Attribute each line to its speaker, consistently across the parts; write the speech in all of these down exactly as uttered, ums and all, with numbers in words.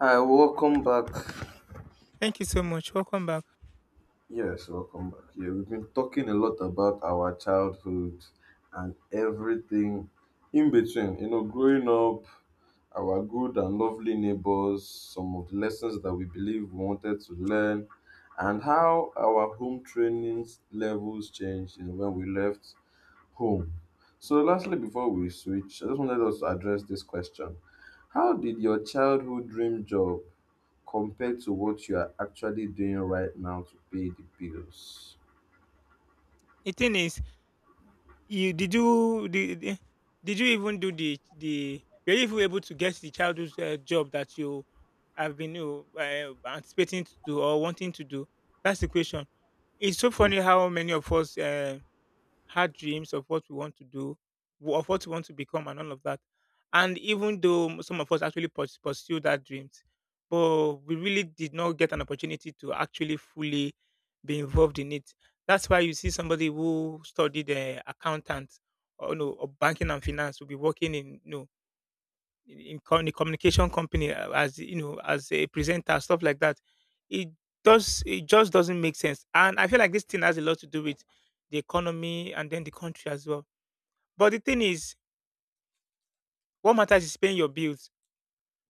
Speaker 1: Hi, welcome back.
Speaker 2: Thank you so much. Welcome back.
Speaker 1: Yes, welcome back. Yeah, we've been talking a lot about our childhood and everything in between. You know, growing up, our good and lovely neighbors, some of the lessons that we believe we wanted to learn, and how our home training levels changed you know, when we left home. So, lastly, before we switch, I just wanted us to address this question: How did your childhood dream job compared to what you are actually doing right now to pay the bills.
Speaker 2: The thing is, you did you did, did did you even do the the were you even able to get the childhood uh, job that you have been you know, uh, anticipating to do or wanting to do? That's the question. It's so
Speaker 1: Hmm.
Speaker 2: funny how many of us uh, had dreams of what we want to do, w- of what we want to become, and all of that. And even though m- some of us actually purs- pursue that dreams, but we really did not get an opportunity to actually fully be involved in it. That's why you see somebody who studied uh, accountant or no or banking and finance will be working in no in, in co- in a communication company uh, as you know as a presenter stuff like that it does it just doesn't make sense, and I feel like this thing has a lot to do with the economy and then the country as well. But the thing is, what matters is paying your bills,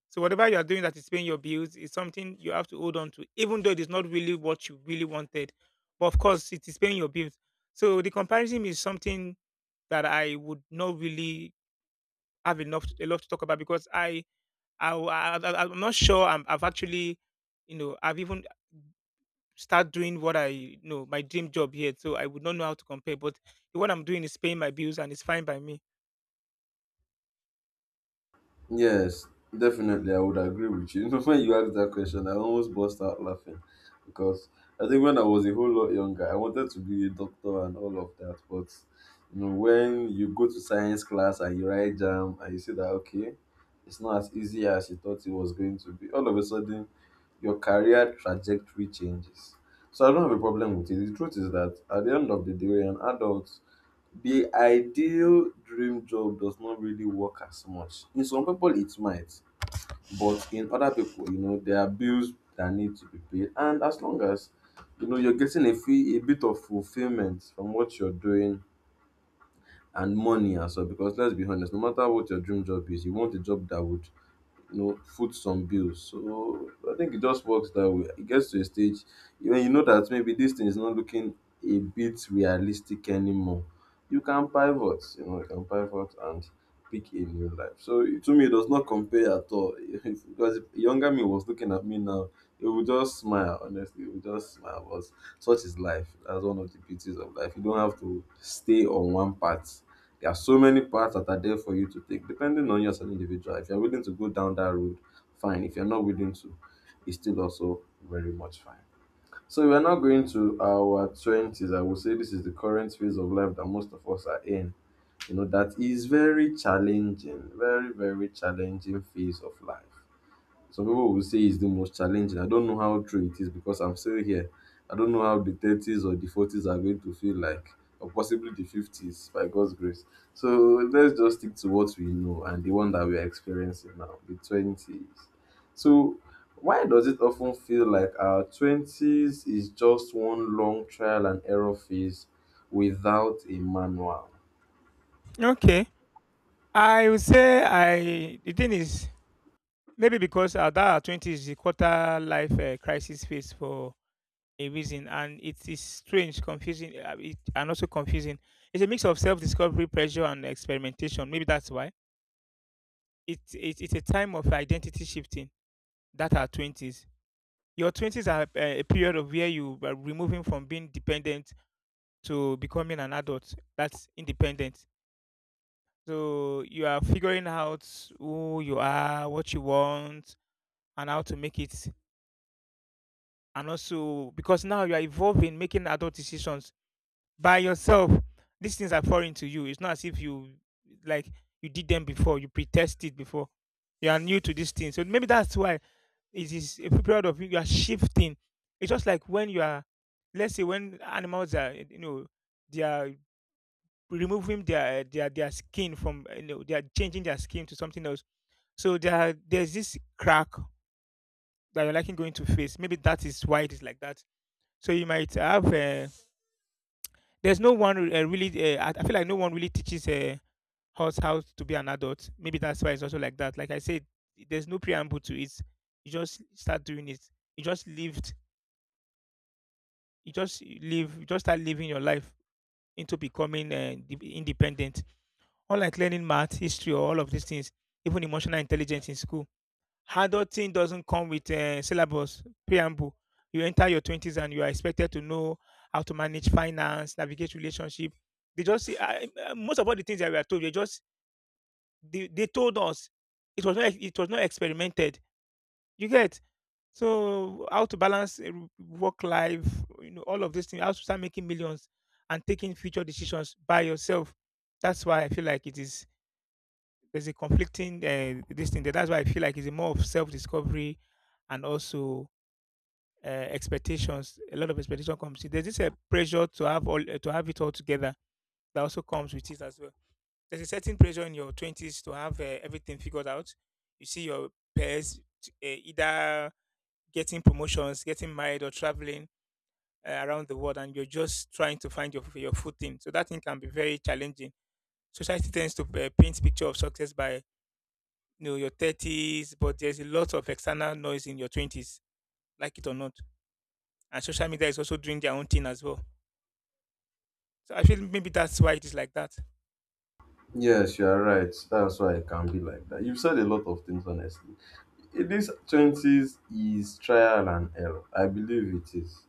Speaker 2: so whatever you are doing that is paying your bills is something you have to hold on to, even though it is not really what you really wanted. But of course, it is paying your bills. So the comparison is something that I would not really have enough a lot to talk about, because i I, w- I, I- I'm not sure. I'm, I've actually, you know, I've even start doing what I you know my dream job here, so I would not know how to compare. But what I'm doing is paying my bills, and it's fine by me.
Speaker 1: Yes, definitely, I would agree with you. You know, when you asked that question, I almost burst out laughing because I think when I was a whole lot younger, I wanted to be a doctor and all of that. But you know, when you go to science class and you write jam and you see that, okay, it's not as easy as you thought it was going to be, all of a sudden your career trajectory changes. So I don't have a problem with it. The truth is that at the end of the day, we're an adult. The ideal dream job does not really work as much. In some people, it might, but in other people, you know, there are bills that need to be paid. And as long as you know you're getting a fee, a bit of fulfillment from what you're doing and money as well, because let's be honest, no matter what your dream job is, you want a job that would you know, foot some bills. So I think it just works that way. It gets to a stage when you know that maybe this thing is not looking a bit realistic anymore. You can pivot, you know, you can pivot and pick a new life. So it- to me, it does not compare at all. If, because if younger me was looking at me now, it would just smile. Honestly, it would just smile. But such is life. That's one of the beauties of life. You don't have to stay on one path. There are so many paths that are there for you to take, depending on you as an individual. If you're willing to go down that road, fine. If you're not willing to, it's still also very much fine. So we are now going to our twenties. I would say this is the current phase of life that most of us are in. You know, that is very challenging, very, very challenging phase of life. Some people will say it's the most challenging. I don't know how true it is because I'm still here. I don't know how the thirties or the forties are going to feel like, or possibly the fifties by God's grace. So let's just stick to what we know and the one that we are experiencing now, the twenties. So, why does it often feel like our twenties is just one long trial and error phase without a manual?
Speaker 2: Okay, I would say I. The thing is, maybe because uh, that twenty is the quarter life uh, crisis phase for a reason, and it is strange, confusing, uh, it, and also confusing. It's a mix of self-discovery, pressure, and experimentation. Maybe that's why. It, it, it's a time of identity shifting that are twenties Your twenties are a a period of where you are removing from being dependent to becoming an adult that's independent. So you are figuring out who you are, what you want, and how to make it. And also, because now you are evolving, making adult decisions by yourself. These things are foreign to you. It's not as if you like you did them before, you pre-tested before. You are new to these things. So maybe that's why. It is a period of you are shifting. It's just like when you are, let's say, when animals are, you know, they are removing their their their skin from, you know, they are changing their skin to something else. So there there's this crack that you're likely going to face. Maybe that is why it is like that. So you might have. Uh, there's no one uh, really. Uh, I I feel like no one really teaches uh, us how to be an adult. Maybe that's why it's also like that. Like I said, there's no preamble to it. You just start doing it. You just live you just live you just start living your life into becoming uh, de- independent, unlike learning math, history, or all of these things, even emotional intelligence in school. Adulting doesn't come with uh, syllabus preamble. You enter your twenties and you are expected to know how to manage finance, navigate relationship. They just see- I- I- most of all the things that we are told, they just they, they told us, it was not it was not experimented, you get. So how to balance a w- work life, you know, all of these things, how to start making millions and taking future decisions by yourself. That's why I feel like it is there's a conflicting uh, this thing. There. That's why I feel like it's a more of self discovery, and also uh, expectations. A lot of expectation comes. In. There's this uh, pressure to have all uh, to have it all together, that also comes with it as well. There's a certain pressure in your twenties to have uh, everything figured out. You see your peers t- uh, either getting promotions, getting married, or traveling uh, around the world, and you're just trying to find your your footing. So that thing can be very challenging. Society tends to uh, paint picture of success by you know your thirties, but there's a lot of external noise in your twenties, like it or not. And social media is also doing their own thing as well. So I feel maybe that's why it is like that.
Speaker 1: Yes, you are right. That's why it can be like that. You've said a lot of things, honestly. I- This twenties is trial and error. I believe it is.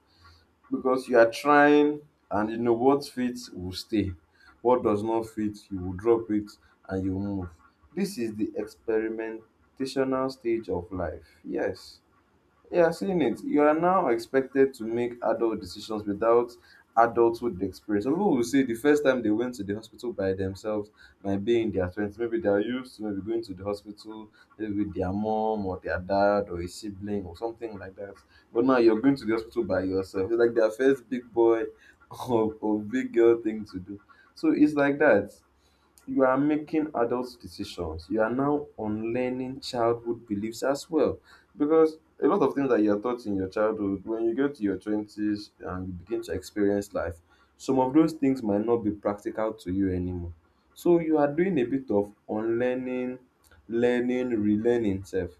Speaker 1: Because you are trying, and you know what fits will stay. What does not fit, you will drop it and you move. This is the experimentational stage of life. Yes. Yeah, seeing it, you are now expected to make adult decisions without adulthood experience. Some people will say the first time they went to the hospital by themselves might be in their twenties. Maybe they are used to maybe going to the hospital, maybe with their mom or their dad or a sibling or something like that. But now you're going to the hospital by yourself. It's like their first big boy or, or big girl thing to do. So it's like that you are making adult decisions. You are now unlearning childhood beliefs as well. Because a lot of things that you are taught in your childhood, when you get to your twenties and you begin to experience life, some of those things might not be practical to you anymore. So you are doing a bit of unlearning, learning, relearning self,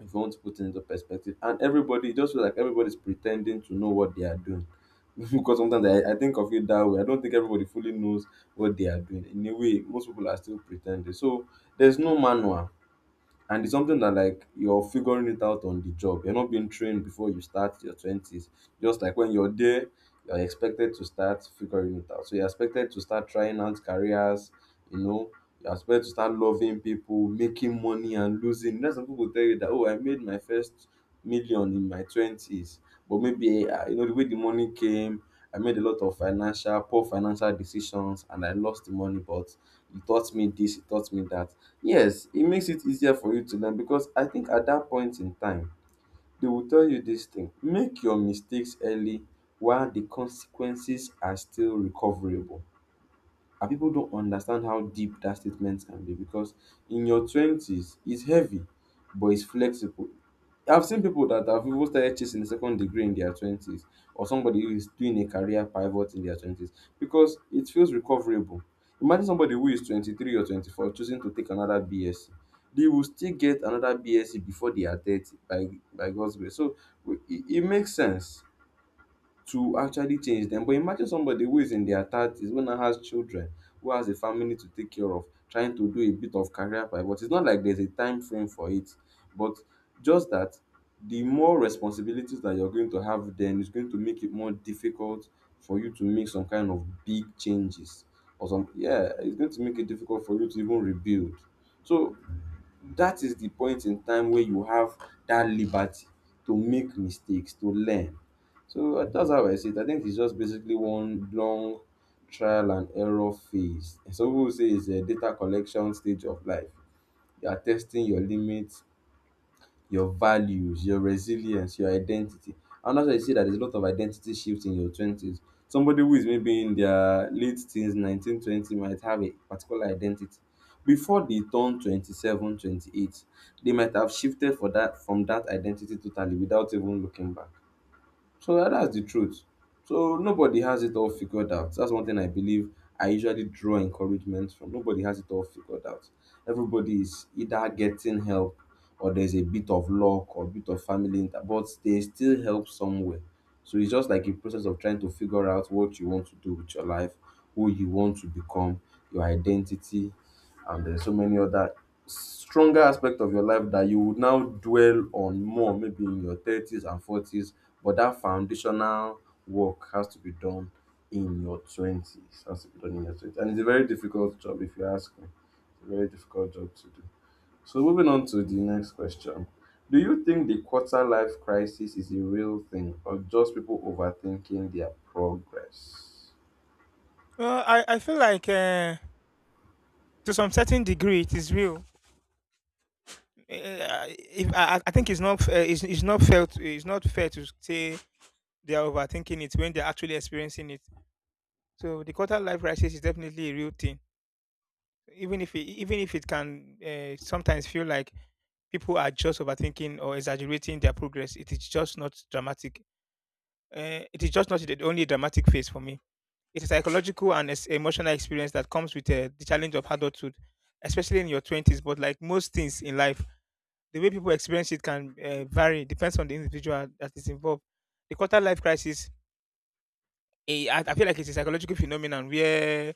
Speaker 1: if you want to put it into perspective. And everybody, it just feels like everybody's pretending to know what they are doing. Because sometimes I, I think of it that way. I don't think everybody fully knows what they are doing. In a way, most people are still pretending. So there's no manual, and it's something that, like, you're figuring it out on the job. You're not being trained before you start your twenties. Just like when you're there, you're expected to start figuring it out. So you're expected to start trying out careers, you know. You're expected to start loving people, making money and losing. That's some people tell you that, oh, I made my first million in my twenties, but maybe uh, you know the way the money came. I made a lot of financial poor financial decisions and I lost the money, but it taught me this, it taught me that. Yes, it makes it easier for you to learn, because I think at that point in time, they will tell you this thing: make your mistakes early while the consequences are still recoverable. And people don't understand how deep that statement can be, because in your twenties it's heavy but it's flexible. I've seen people that have even started chasing a second degree in their twenties, or somebody who is doing a career pivot in their twenties, because it feels recoverable. Imagine somebody who is twenty-three or twenty-four choosing to take another bsc. They will still get another bsc before they are thirty by by God's grace. So we- it, it makes sense to actually change them. But imagine somebody who is in their thirties, who now has children, who has a family to take care of, trying to do a bit of career pivot. It's not like there's a time frame for it, but just that the more responsibilities that you're going to have then is going to make it more difficult for you to make some kind of big changes, or some, yeah, it's going to make it difficult for you to even rebuild. So that is the point in time where you have that liberty to make mistakes, to learn. So uh, that's how I see it. I think it's just basically one long trial and error phase. Some people say it's a data collection stage of life. You are testing your limits, your values, your resilience, your identity. And that's why you see that there's a lot of identity shifts in your twenties. Somebody who is maybe in their late teens, nineteen, twenty, might have a particular identity. Before they turn twenty-seven, twenty-eight, they might have shifted for that from that identity totally without even looking back. So yeah, that's the truth. So nobody has it all figured out. That's one thing I believe I usually draw encouragement from. Nobody has it all figured out. Everybody is either getting help, or there's a bit of luck, or a bit of family, inter- but there's still help somewhere. So it's just like a process of trying to figure out what you want to do with your life, who you want to become, your identity, and there's so many other stronger aspect of your life that you would now dwell on more maybe in your thirties and forties, but that foundational work has to be done in your twenties, has to be done in your twenties. And it's a very difficult job, if you ask me. It's a very difficult job to do. So, moving on to the next question: do you think the quarter life crisis is a real thing, or just people overthinking their progress?
Speaker 2: Well, I, I feel like uh, to some certain degree it is real. Uh, if, I, I I think it's not f- uh, it's, it's not fair to, it's not fair to say they are overthinking it when they're actually experiencing it. So the quarter life crisis is definitely a real thing. Even if it, even if it can uh, sometimes feel like people are just overthinking or exaggerating their progress, it is just not dramatic. Uh, it is just not the only dramatic phase for me. It's a psychological and es- emotional experience that comes with uh, the challenge of adulthood, especially in your twenties. But like most things in life, the way people experience it can uh, vary. Depends on the individual that is involved. The quarter life crisis, eh, I I feel like it's a psychological phenomenon where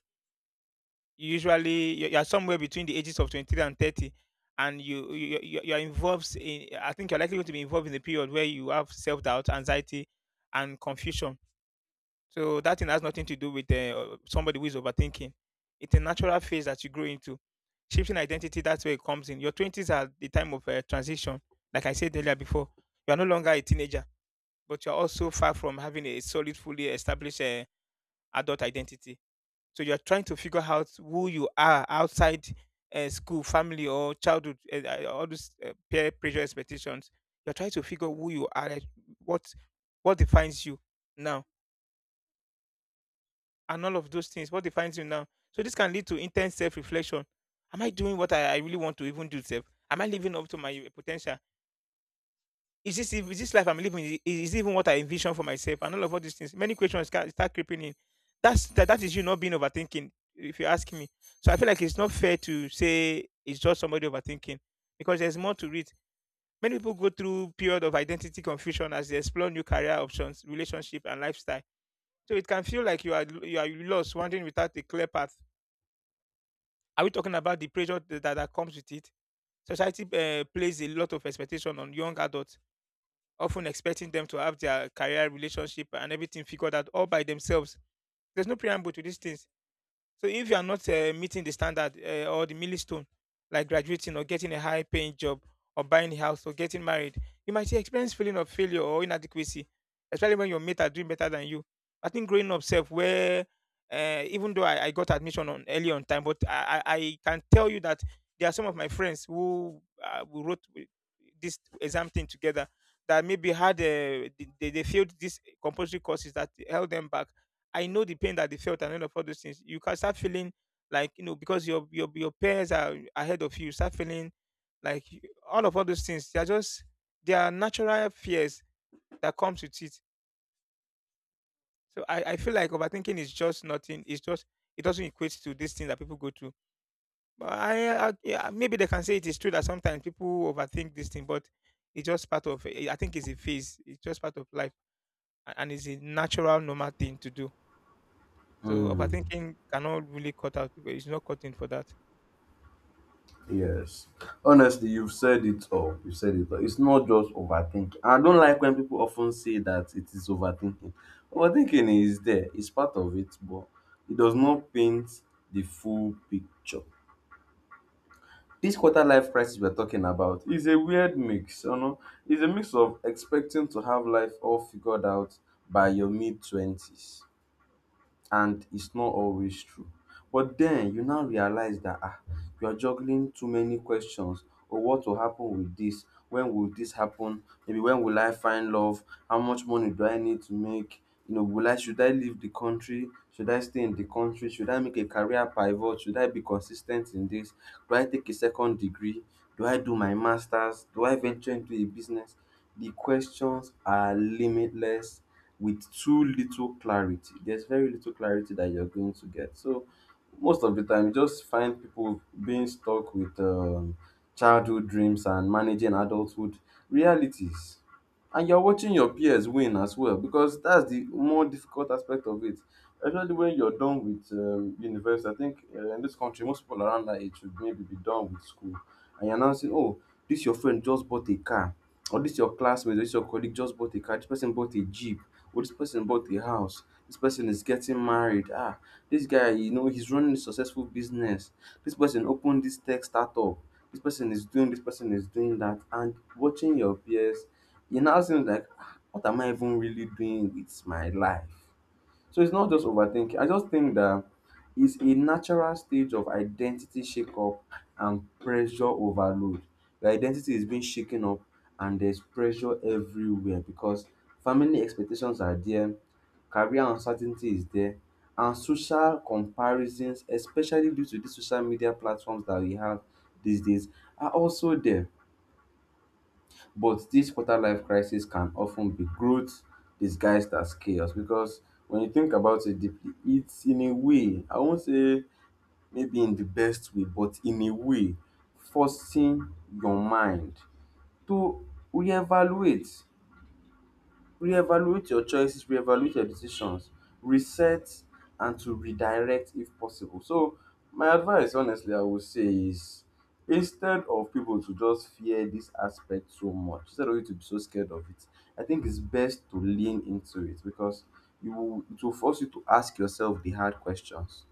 Speaker 2: you usually you're, you're somewhere between the ages of twenty-three and thirty, and you, you you- you're involved in I think you're likely going to be involved in a period where you have self-doubt, anxiety, and confusion. So that thing has nothing to do with uh, somebody who is overthinking. It's a natural phase that you grow into. Shifting identity, that's where it comes. In your twenties are the time of uh, transition, like I said earlier before. You are no longer a teenager, but you're also far from having a solid fully established uh, adult identity. So you are trying to figure out who you are outside uh, school, family, or childhood. Uh, uh, all those uh, peer pressure expectations. You're trying to figure who you are, like what what defines you now, and all of those things. What defines you now? So this can lead to intense self-reflection. Am I doing what I, I really want to even do? Self? Am I living up to my potential? Is this ev- is this life I'm living? Is, is it even what I envision for myself? And all of all these things, many questions ca- start creeping in. That's that, that is you not being overthinking, if you ask me. So I feel like it's not fair to say it's just somebody overthinking, because there's more to it. Many people go through period of identity confusion as they explore new career options, relationship, and lifestyle. So it can feel like you are you are lost, wandering without a clear path. Are we talking about the pressure that, that comes with it? Society uh, plays a lot of expectation on young adults, often expecting them to have their career, relationship, and everything figured out all by themselves. There's no preamble to these things. So if you are not uh, meeting the standard uh, or the milestone, like graduating or getting a high paying job or buying a house or getting married, you might experience feeling of failure or inadequacy, especially when your mate are doing better than you. I think growing up self where uh, even though I, I got admission on early on time, but I, I I can tell you that there are some of my friends who uh, who wrote wi- this exam thing together that maybe had uh, they, they they failed these compulsory courses that held them back. I know the pain that they felt and all of all those things. You can start feeling like you know because your your your peers are ahead of you. you Start feeling like you- all of all those things. They are just they are natural fears that comes with it. So I, I feel like overthinking is just nothing. It's just it doesn't equate to this thing that people go through. But I, I yeah, maybe they can say it is true that sometimes people overthink this thing, but it's just part of. I think it's a phase. It's just part of life, and it's a natural, normal thing to do. So
Speaker 1: Hmm.
Speaker 2: overthinking cannot really cut out. It's not cutting for that.
Speaker 1: Yes. Honestly, you've said it all. You said it all. It's not just overthinking. I don't like when people often say that it is overthinking. Overthinking is there, it's part of it, but it does not paint the full picture. This quarter life crisis we're talking about is a weird mix, you know. It's a mix of expecting to have life all figured out by your mid twenties, and it's not always true. But then you now realize that, ah, you are juggling too many questions. Oh, what will happen with this? When will this happen? Maybe when will I find love? How much money do I need to make? You know, will I should I leave the country? Should I stay in the country? Should I make a career pivot? Should I be consistent in this? Do I take a second degree? Do I do my masters? Do I venture into a business? The questions are limitless with too little clarity. There's very little clarity that you're going to get. So most of the time, you just find people being stuck with um, childhood dreams and managing adulthood realities. And you're watching your peers win as well because that's the more difficult aspect of it. Especially when you're done with um, university. I think uh, in this country, most people around that age should maybe be done with school. And you're now saying, oh, this your friend just bought a car, or this your classmate, or this your colleague just bought a car, this person bought a jeep, well, this person bought a house. This person is getting married. Ah, this guy, you know, he's running a successful business. This person opened this tech startup. This person is doing, this person is doing that. And watching your peers, you now seem like, "Ah, what am I even really doing with my life? So it's not just overthinking. I just think that it's a natural stage of identity shakeup and pressure overload. Your identity is being shaken up, and there's pressure everywhere because family expectations are there, career uncertainty is there, and social comparisons, especially due to these social media platforms that we have these days, are also there. But this quarter life crisis can often be growth disguised as chaos because when you think about it deeply, it's, in a way, I won't say maybe in the best way, but in a way, forcing your mind to reevaluate. Reevaluate your choices, reevaluate your decisions, reset, and to redirect if possible. So my advice, honestly, I would say is, instead of people to just fear this aspect so much, instead of you to be so scared of it, I think it's best to lean into it because you will it will force you to ask yourself the hard questions.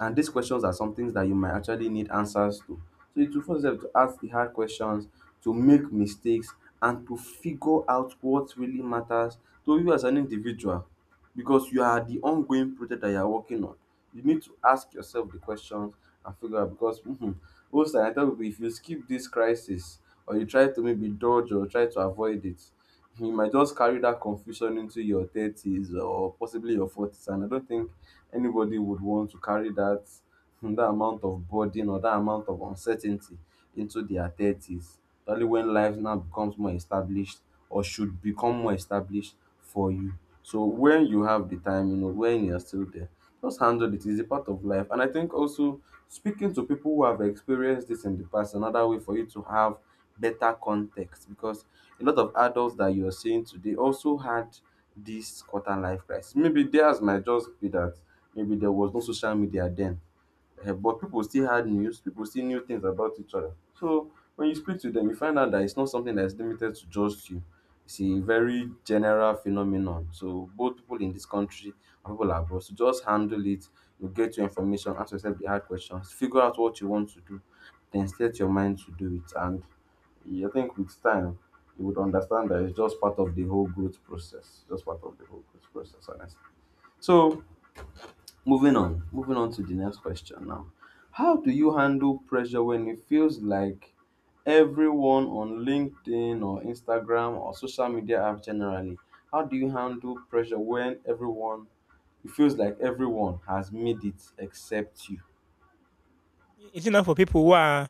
Speaker 1: And these questions are some things that you might actually need answers to. So it will force them to ask the hard questions, to make mistakes, and to figure out what really matters to you as an individual. Because you are the ongoing project that you are working on. You need to ask yourself the questions and figure out because mhm, most time I tell people, if you skip this crisis or you try to maybe dodge or try to avoid it, you might just carry that confusion into your thirties or possibly your forties, and I don't think anybody would want to carry that that amount of burden or that amount of uncertainty into their thirties, especially when life now becomes more established, or should become more established, for you. So when you have the time, you know, when you're still there, just handle it. It's a part of life. And I think also speaking to people who have experienced this in the past, another way for you to have better context, because a lot of adults that you're seeing today also had this quarter life crisis. Maybe theirs might just be that maybe there was no social media then. Eh, but people still had news, people still knew things about each other. So when you speak to them, you find out that it's not something that's limited to just you. It's a very general phenomenon. So both people in this country and people abroad. So just handle it. You get your information, ask yourself the hard questions, figure out what you want to do, then set your mind to do it. And I think with time, you would understand that it's just part of the whole growth process. Just part of the whole growth process, honestly. So Moving on, moving on to the next question now. How do you handle pressure when it feels like everyone on LinkedIn or Instagram or social media apps generally? How do you handle pressure when everyone, it feels like everyone has made it except you?
Speaker 2: It's enough for people who are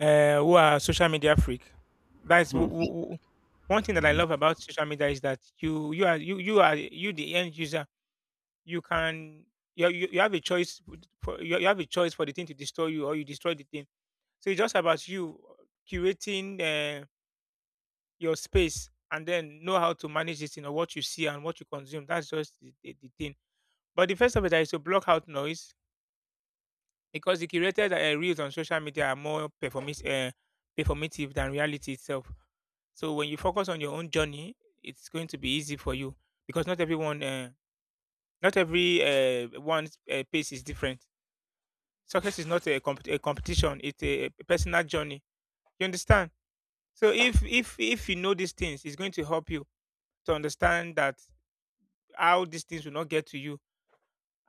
Speaker 2: uh, who are social media freak. That's w- w- w- one thing that I love about social media is that you you are you you are you the end user. You can you you, you have a choice for you, you have a choice for the thing to destroy you or you destroy the thing. So it's just about you curating uh, your space and then know how to manage it, you know, what you see and what you consume. That's just the, the, the thing. But the first of it is to block out noise because the curated uh, reels on social media are more performis- uh, performative than reality itself. So when you focus on your own journey, it's going to be easy for you because not everyone, uh, not every uh, one's uh, pace is different. Success is not a, comp- a competition; it's a, a personal journey. You understand? So if if if you know these things, it's going to help you to understand that how these things will not get to you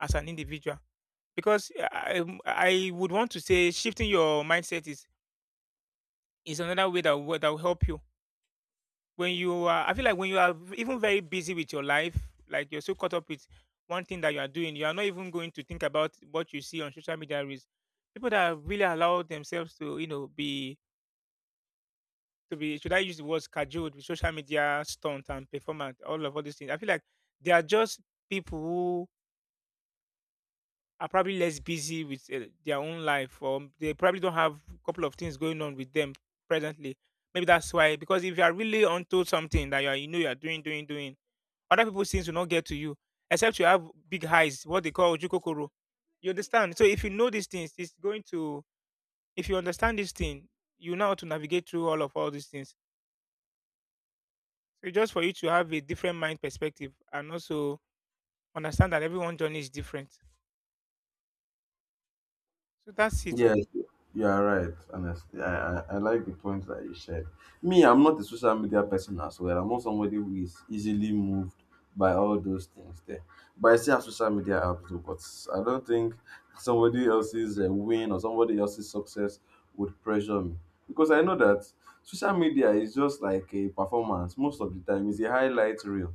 Speaker 2: as an individual. Because uh, I, um, I would want to say shifting your mindset is is another way that will, that will help you. When you are, I feel like when you are even very busy with your life, like you're so caught up with one thing that you are doing, you are not even going to think about what you see on social media. Is people that really allow themselves to, you know, be to be should I use the words cajoled with social media stunt and performance, all of all these things. I feel like they are just people who are probably less busy with uh, their own life, or they probably don't have a couple of things going on with them presently. Maybe that's why. Because if you are really onto something that you are, you know you are doing, doing, doing, other people's things will not get to you, except you have big highs, what they call ojukokoro. You understand? So if you know these things, it's going to. If you understand this thing, you know how to navigate through all of all these things. So just for you to have a different mind perspective and also understand that everyone's journey is different. So that's it.
Speaker 1: Yes, you are right. Honestly, I, I, I like the points that you shared. Me, I'm not a social media person as well. I'm not somebody who is easily moved by all those things there. But I still have social media apps, though, but I don't think somebody else's uh, win or somebody else's success would pressure me because I know that social media is just like a performance most of the time. It's a highlight reel.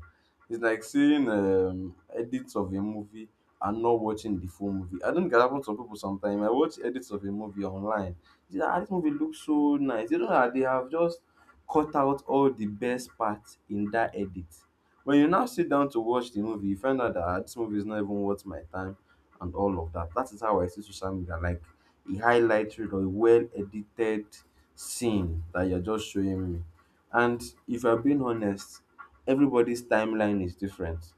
Speaker 1: It's like seeing um, edits of a movie and not watching the full movie. I don't get, happen to some people sometimes. I watch edits of a movie online. They're like, "Ah, this movie looks so nice." You know that they have just cut out all the best parts in that edit. When you now sit down to watch the movie, you find out that, "Ah, this movie is not even worth my time," and all of that. That is how I see social media, like a highlight reel or a well edited scene that you're just showing me. And if I'm being honest, everybody's timeline is different.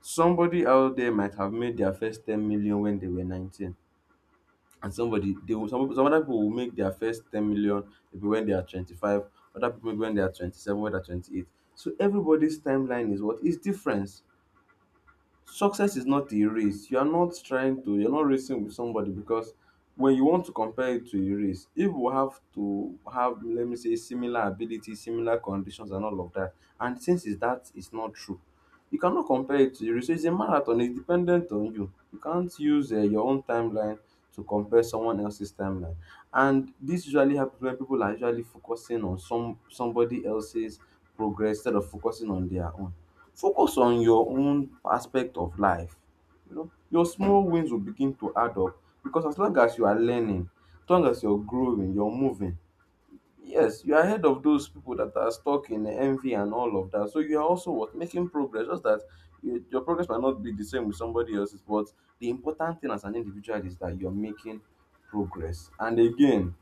Speaker 1: Somebody out there might have made their first ten million when they were nineteen, and somebody they will, some, some other people will make their first ten million maybe when they are twenty-five, other people maybe when they are twenty-seven, when they are twenty-eight. So everybody's timeline is what is different. Success is not a race. You are not trying to, you're not racing with somebody because when you want to compare it to a race, if we have to have, let me say, similar abilities, similar conditions, and all of that, and since is that is not true, you cannot compare it to a race. So it's a marathon, it's dependent on you. You can't use uh, your own timeline to compare someone else's timeline. And this usually happens when people are usually focusing on some somebody else's progress instead of focusing on their own. Focus on your own aspect of life. You know, your small wins will begin to add up because as long as you are learning, as long as you're growing, you're moving, yes, you're ahead of those people that are stuck in envy and all of that. So you are also what making progress. Just that you, your progress might not be the same with somebody else's, but the important thing as an individual is that you're making progress. And again,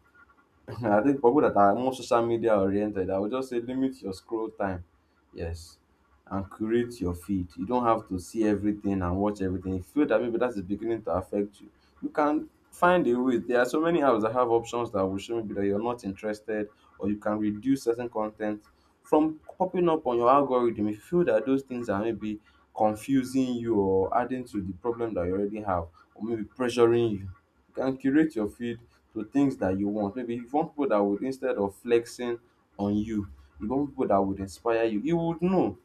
Speaker 1: I think for people that are more social media oriented, I would just say limit your scroll time. Yes. And curate your feed. You don't have to see everything and watch everything. If you feel that maybe that is beginning to affect you, you can find a way. There are so many apps that have options that will show maybe that you're not interested, or you can reduce certain content from popping up on your algorithm. If you feel that those things are maybe confusing you or adding to the problem that you already have, or maybe pressuring you, you can curate your feed to things that you want. Maybe you want people that would, instead of flexing on you, you want people that would inspire you. You would know.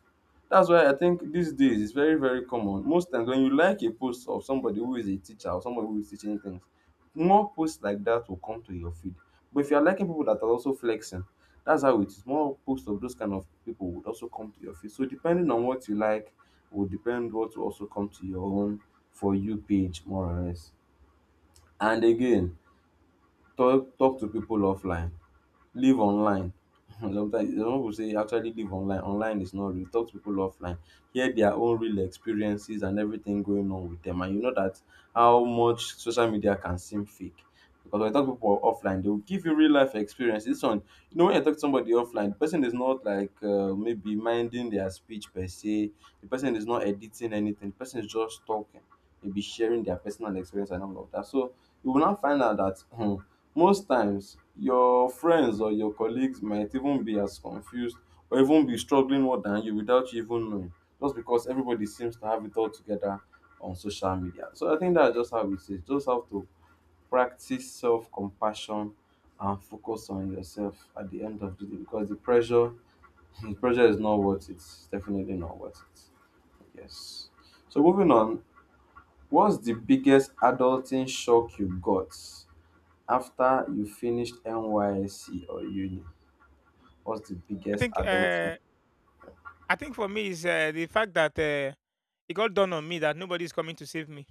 Speaker 1: That's why I think these days it's very, very common. Most times when you like a post of somebody who is a teacher or somebody who is teaching things, more posts like that will come to your feed. But if you're liking people that are also flexing, that's how it is. More posts of those kind of people would also come to your feed. So depending on what you like, will depend what will also come to your own for you page, more or less. And again, Talk talk to people offline. Live online. Sometimes some people say, actually, live online. Online is not real. Talk to people offline. Hear their own real experiences and everything going on with them. And you know that how much social media can seem fake. Because when you talk to people offline, they will give you real life experiences. This one, you know, when you talk to somebody offline, the person is not like, uh, maybe, minding their speech per se. The person is not editing anything. The person is just talking. Maybe sharing their personal experience and all of that. So you will now find out that, hmm, most times, your friends or your colleagues might even be as confused or even be struggling more than you without you even knowing, just because everybody seems to have it all together on social media. So I think that's just how it is. Just have to practice self compassion and focus on yourself at the end of the day, because the pressure, the pressure is not worth it. It's definitely not worth it. Yes. So moving on, what's the biggest adulting shock you got? After you finished N Y S C or uni, what's the
Speaker 2: I
Speaker 1: biggest
Speaker 2: think
Speaker 1: adulthood?
Speaker 2: uh, I think for me is uh, the fact that uh, it got done on me that nobody's coming to save me.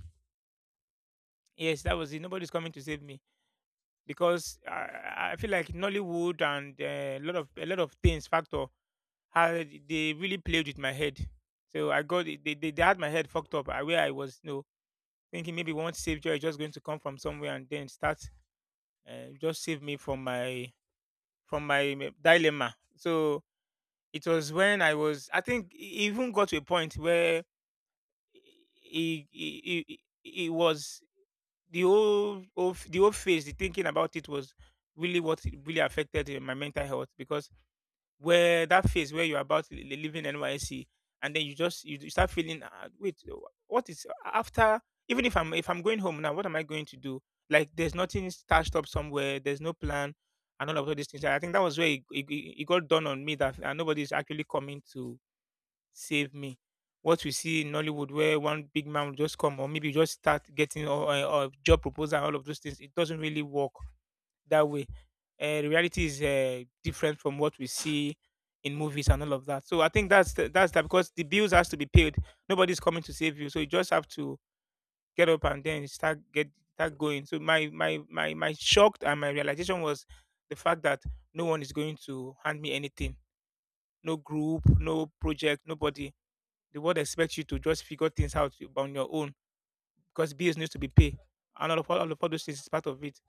Speaker 2: Yes, that was it. Nobody's coming to save me because I, I feel like Nollywood and uh, a lot of a lot of things factor how they really played with my head. So I got they, they, they had my head fucked up uh, where I was you know, thinking maybe one savior is just going to come from somewhere and then start uh, just save me from my from my dilemma. So it was when I was, I think, it even got to a point where it, it, it, it was the whole, of the whole phase, the thinking about it was really what it really affected eh, my mental health because where that phase where you're about li- li- leaving N Y C, and then you just you, you start feeling, uh, wait, uh, what is after? Even if I'm if I'm going home now, what am I going to do? Like, there's nothing stashed up somewhere. There's no plan, and all of all these things. I think that was where it, it, it it got done on me that uh, nobody's actually coming to save me. What we see in Nollywood, where one big man will just come, or maybe you just start getting a, a, job proposal and all of those things, it doesn't really work that way. Uh, the reality is uh, different from what we see in movies and all of that. So I think that's the, that's that because the bills has to be paid. Nobody's coming to save you, so you just have to get up and then start get start going. So my my my my shocked and my realization was the fact that no one is going to hand me anything. No group, no project, nobody. The world expects you to just figure things out on your own because bills need to be paid, and all of all all of all those things is part of it.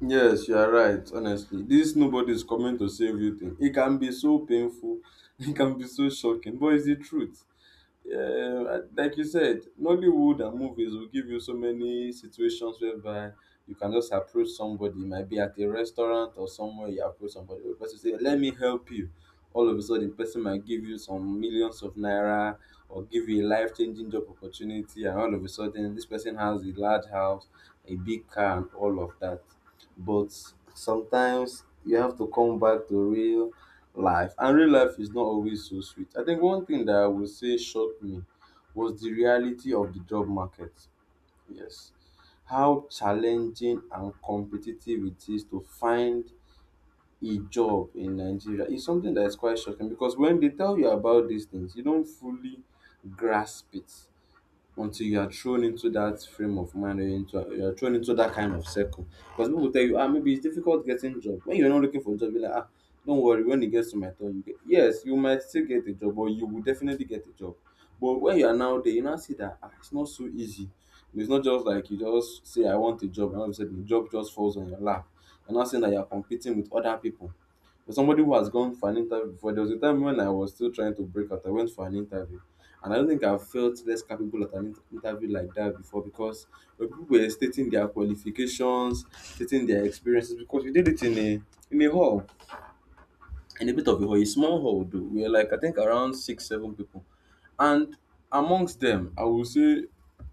Speaker 1: Yes, you are right, honestly. This nobody is coming to save you thing. It can be so painful, it can be so shocking, but it's the truth. Yeah, like you said, Nollywood and movies will give you so many situations whereby you can just approach somebody. It might be at a restaurant or somewhere you approach somebody. The person say, "Let me help you." All of a sudden, the person might give you some millions of naira or give you a life-changing job opportunity, and all of a sudden, this person has a large house, a big car, and all of that, but sometimes you have to come back to real life, and real life is not always so sweet. I think one thing that I would say shocked me was the reality of the job market. Yes, how challenging and competitive it is to find a job in Nigeria is something that is quite shocking, because when they tell you about these things you don't fully grasp it until you are thrown into that frame of mind, or into you're thrown into that kind of circle. Because people tell you, ah, maybe it's difficult getting job. When you're not looking for a job, you're like, ah, don't worry, when it gets to my turn, you get yes, you might still get a job, or you will definitely get a job. But when you are now there, you now see that ah, it's not so easy. It's not just like you just say I want a job, and all of a sudden the job just falls on your lap. You're not saying that you're competing with other people. For somebody who has gone for an interview before, there was a time when I was still trying to break out. I went for an interview, and I don't think I've felt less capable at an inter- interview like that before, because when people were stating their qualifications, stating their experiences, because we did it in a in a hall, in a bit of a hall. A small hall though. We are like I think around six, seven people. And amongst them, I will say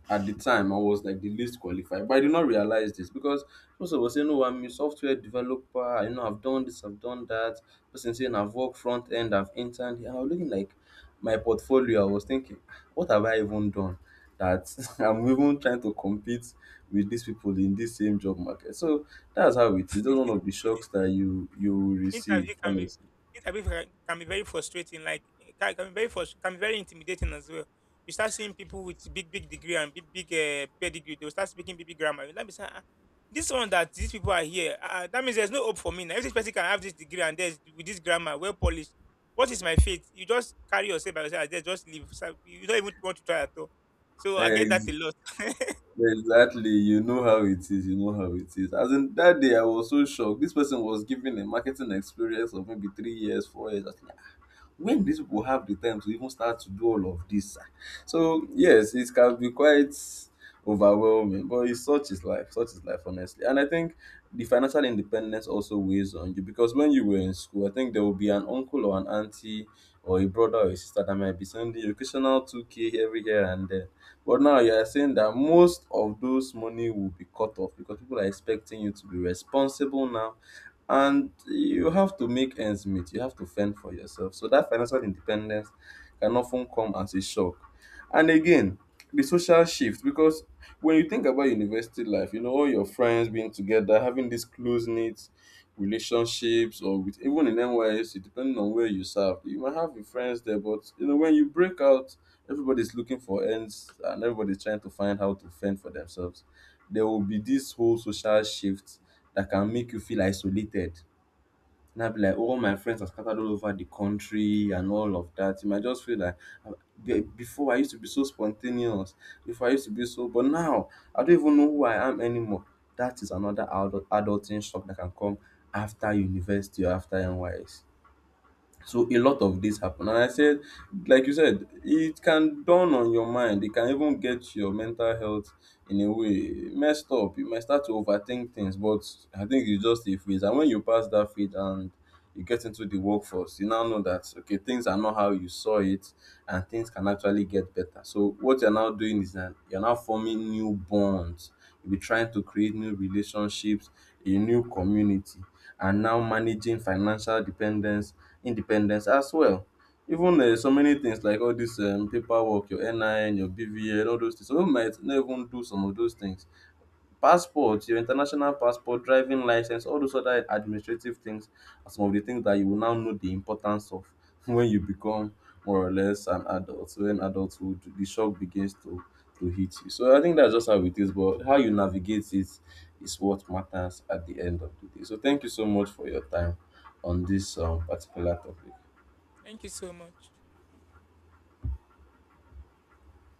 Speaker 1: at the time I was like the least qualified. But I did not realize this because most of us say, no, I'm a software developer, you know, I've done this, I've done that. Person saying I've worked front end, I've interned here. I was looking like my portfolio, I was thinking, what have I even done? That I'm even trying to compete with these people in this same job market. So that's how it is. That's one of the shocks that you you will receive,
Speaker 2: interview can be
Speaker 1: honestly.
Speaker 2: interview can can be very frustrating like it can, can be very frust- can be very intimidating as well. You start seeing people with big big degree and big big uh, pedigree. They'll start speaking big big grammar, let me say, ah, this one that these people are here, ah, that means there's no hope for me now. If this person can have this degree and there's with this grammar well polished, what is my fate? You just carry yourself by yourself and just leave, so you don't even want to try at all. So I get that a
Speaker 1: Ex-
Speaker 2: lot.
Speaker 1: Exactly. You know how it is. You know how it is. As in that day, I was so shocked. This person was given a marketing experience of maybe three years, four years. When do these people have the time to even start to do all of this? Ah? So yes, it can be quite overwhelming, but it's such is life, such is life, honestly. And I think the financial independence also weighs on you, because when you were in school, I think there will be an uncle or an auntie or a brother or a sister that might be sending you occasional two k every here and there. But now you are saying that most of those money will be cut off because people are expecting you to be responsible now, and you have to make ends meet, you have to fend for yourself. So that financial independence can often come as a shock. And again, the social shift, because when you think about university life, you know, all your friends being together, having these close knit relationships, or with even in N Y S C, depending on where you serve, you might have your friends there. But you know, when you break out, everybody's looking for ends and everybody's trying to find how to fend for themselves. There will be this whole social shift that can make you feel isolated. Now be like, all my friends are scattered all over the country and all of that. You might just feel like, "Ah, be- before I used to be so spontaneous, before I used to be so, but now I don't even know who I am anymore." That is another adult adulting shock that can come after university or after N Y S. So a lot of this happen, and I said, like you said, it can dawn on your mind, it can even get your mental health in a way messed up, you might start to overthink things. But I think it's just a phase, and when you pass that phase and you get into the workforce, you now know that okay, things are not how you saw it, and things can actually get better. So what you're now doing is that you're now forming new bonds. You'll be trying to create new relationships, a new community, and now managing financial dependence, independence as well. Even uh, so many things like all this um, paperwork, your N I N, your B V N, all those things. Some people might not even do some of those things, passport, your international passport, driving license, all those other administrative things are some of the things that you will now know the importance of when you become more or less an adult. When adulthood, the shock begins to to hit you. So I think that's just how it is. But how you navigate it is what matters at the end of the day. So thank you so much for your time on this um, particular topic.
Speaker 2: Thank you so much.